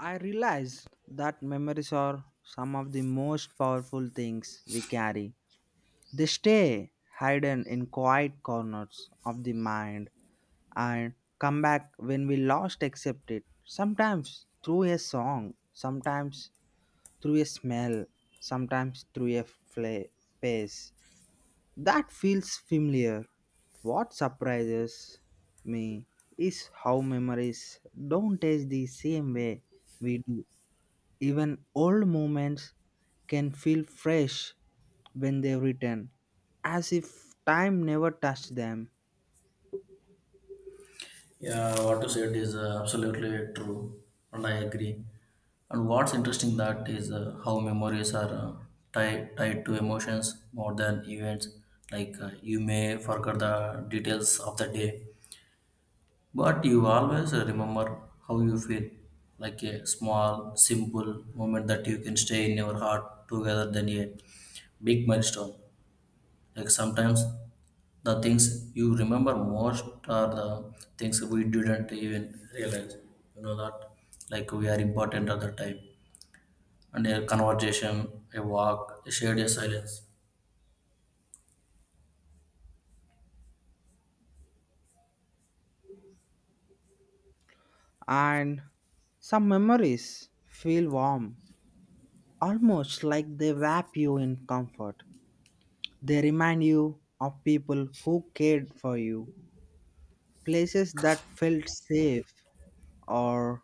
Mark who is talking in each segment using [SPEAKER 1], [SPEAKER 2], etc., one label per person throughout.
[SPEAKER 1] I realized that memories are some of the most powerful things we carry. They stay hidden in quiet corners of the mind and come back when we last accept it. Sometimes through a song, sometimes through a smell, sometimes through a face that feels familiar. What surprises me is how memories don't taste the same way we do, even old moments can feel fresh when they return, as if time never touched them.
[SPEAKER 2] Yeah, what you said is absolutely true, and I agree. And what's interesting that is how memories are tied to emotions more than events. Like you may forget the details of the day, but you always remember how you feel. Like a small, simple moment that you can stay in your heart together than a big milestone. Like sometimes the things you remember most are the things we didn't even realize. You know that like we are important at the time. And a conversation, a walk, a shared silence.
[SPEAKER 1] And some memories feel warm, almost like they wrap you in comfort. They remind you of people who cared for you, places that felt safe, or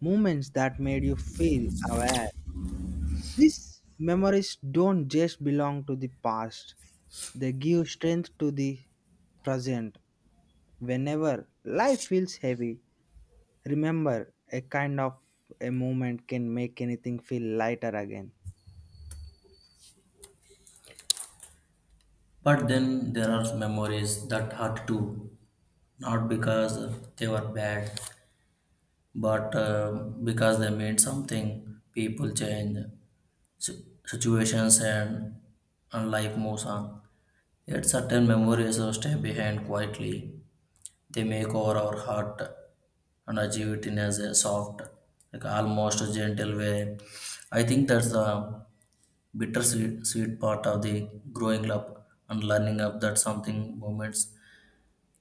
[SPEAKER 1] moments that made you feel aware. These memories don't just belong to the past, they give strength to the present. Whenever life feels heavy, remember a kind of a moment can make anything feel lighter again.
[SPEAKER 2] But then there are memories that hurt too. Not because they were bad, but because they meant something. People change situations and life moves on. Yet certain memories will stay behind quietly. They make over our heart and achieve it in as a soft, like almost a gentle way. I think that's the bitter sweet part of the growing up and learning up that something moments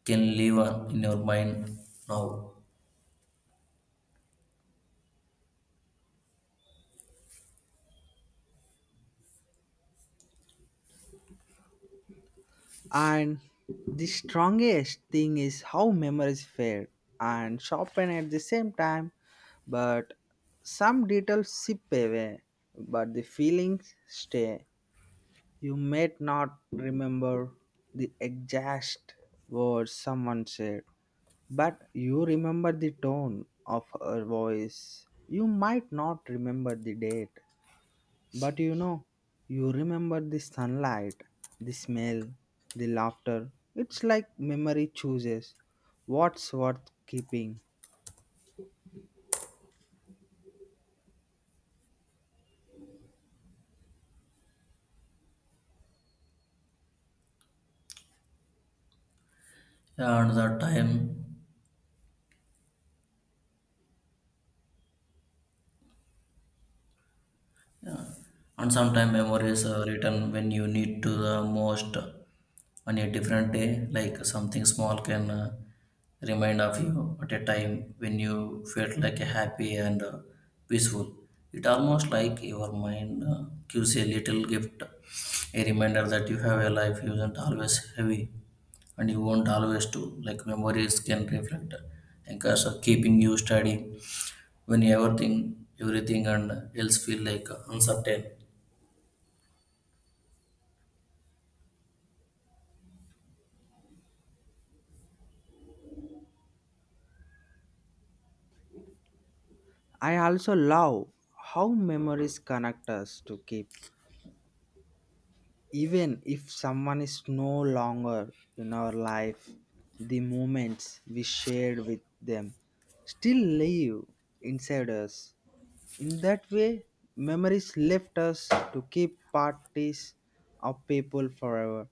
[SPEAKER 2] can live on in your mind now.
[SPEAKER 1] And the strongest thing is how memories fade and sharpen at the same time, but some details sip away, but the feelings stay. You may not remember the exact words someone said, but you remember the tone of her voice. You might not remember the date, but you know, you remember the sunlight, the smell, the laughter. It's like memory chooses what's worth keeping.
[SPEAKER 2] Yeah, and the time. Yeah. And sometimes memories are written when you need to the most on a different day, like something small can remind of you at a time when you felt like a happy and peaceful. It almost like your mind gives a little gift, a reminder that you have a life you isn't always heavy and you won't always do. Like memories can reflect anchors of keeping you steady when everything and else feel like uncertain.
[SPEAKER 1] I also love how memories connect us to keep. Even if someone is no longer in our life, the moments we shared with them still live inside us. In that way, memories left us to keep parties of people forever.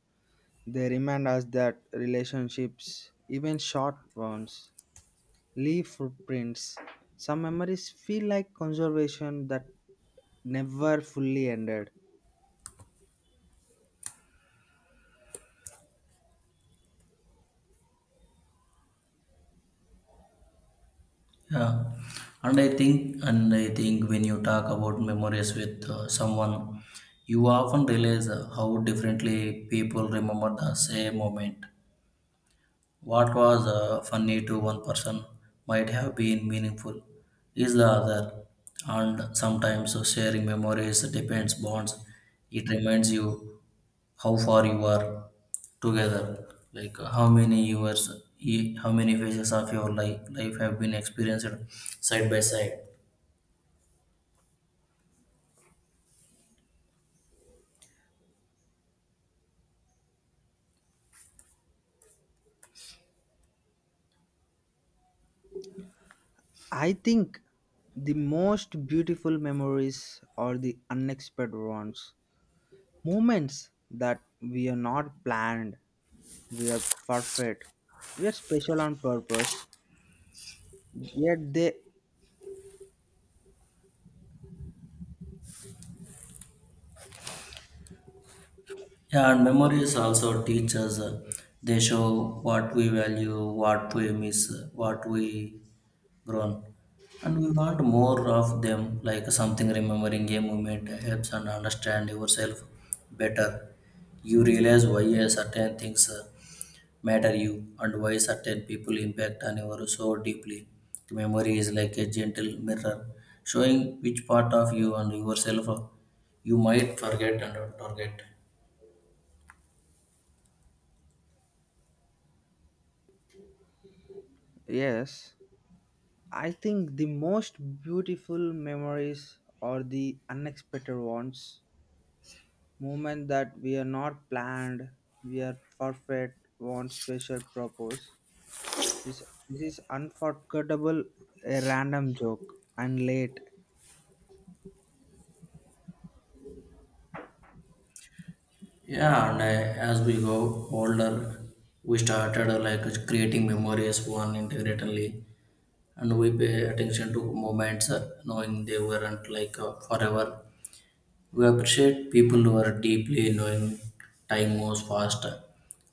[SPEAKER 1] They remind us that relationships, even short ones, leave footprints. Some memories feel like conservation that never fully ended.
[SPEAKER 2] Yeah, and I think when you talk about memories with someone you often realize how differently people remember the same moment. What was funny to one person might have been meaningful is the other, and sometimes sharing memories depends bonds. It reminds you how far you are together, like how many years, how many phases of your life have been experienced side by side.
[SPEAKER 1] I think the most beautiful memories are the unexpected ones. Moments that we are not planned, we are perfect, we are special on purpose. Yet they,
[SPEAKER 2] Yeah, and memories also teach us. They show what we value, what we miss, what we grown and we want more of them like something remembering a movement helps and understand yourself better. You realize why a certain things matter you and why certain people impact on you so deeply. Memory is like a gentle mirror showing which part of you and yourself you might forget and don't forget.
[SPEAKER 1] yes, I think the most beautiful memories are the unexpected ones. Moment that we are not planned, we are perfect, want special purpose. This this is unforgettable, a random joke and late.
[SPEAKER 2] Yeah, and I, as we go older, we started like creating memories one integrally, and we pay attention to moments, knowing they weren't like forever. We appreciate people who are deeply knowing time moves fast.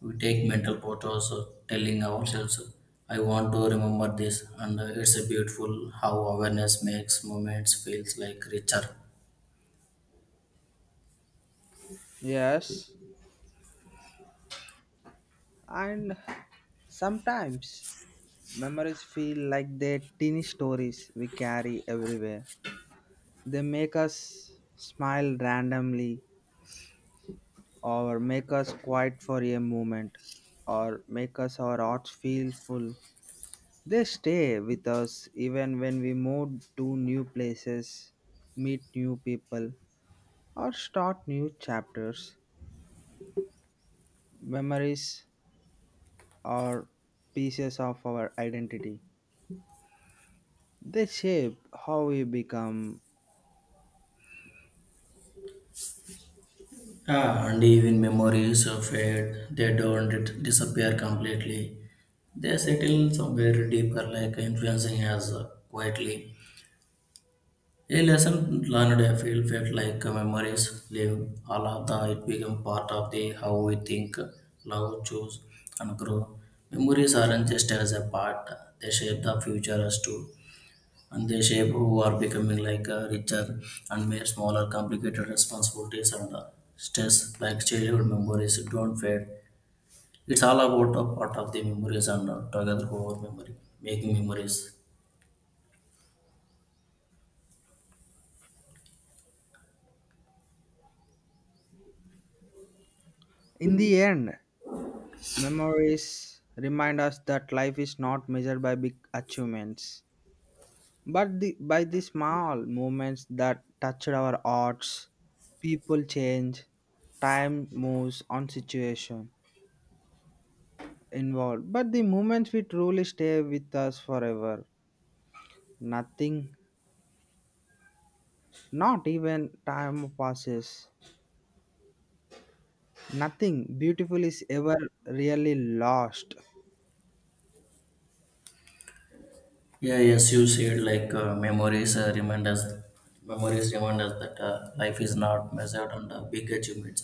[SPEAKER 2] We take mental photos, telling ourselves, "I want to remember this," and it's a beautiful how awareness makes moments feels like richer.
[SPEAKER 1] Yes, and sometimes memories feel like the teeny stories we carry everywhere. They make us smile randomly or make us quiet for a moment or make us our hearts feel full. They stay with us even when we move to new places, meet new people, or start new chapters. Memories are pieces of our identity. They shape how we become.
[SPEAKER 2] Ah, and even memories of it, they don't disappear completely. They settle somewhere deeper, like influencing us quietly. A lesson learned, I feel, felt like memories live. All of the it become part of the how we think, love, choose, and grow. Memories aren't just as a part; they shape the future as too and they shape who are becoming like richer and may smaller complicated responsibilities and stress like childhood memories don't fade. It's all about a part of the memories and together over memory making memories.
[SPEAKER 1] In the end, memories remind us that life is not measured by big achievements but the, by the small movements that touched our hearts, people change, time moves on situation involved. But the moments we truly stay with us forever. Nothing, not even time passes. Nothing beautiful is ever really lost.
[SPEAKER 2] Yeah, yes, you said like memories remind us that life is not measured on the big achievements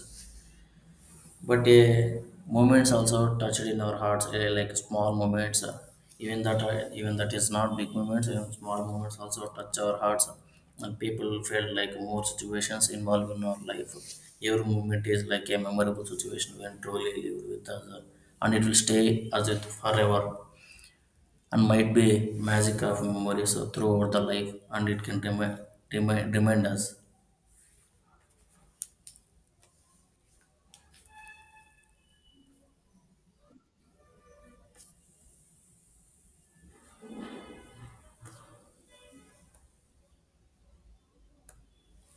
[SPEAKER 2] but moments also touched in our hearts like small moments even that is not big moments even small moments also touch our hearts and people felt like more situations involved in our life. Every moment is like a memorable situation when truly lived with us and it will stay as it forever and might be magic of memories throughout the life and it can remind us.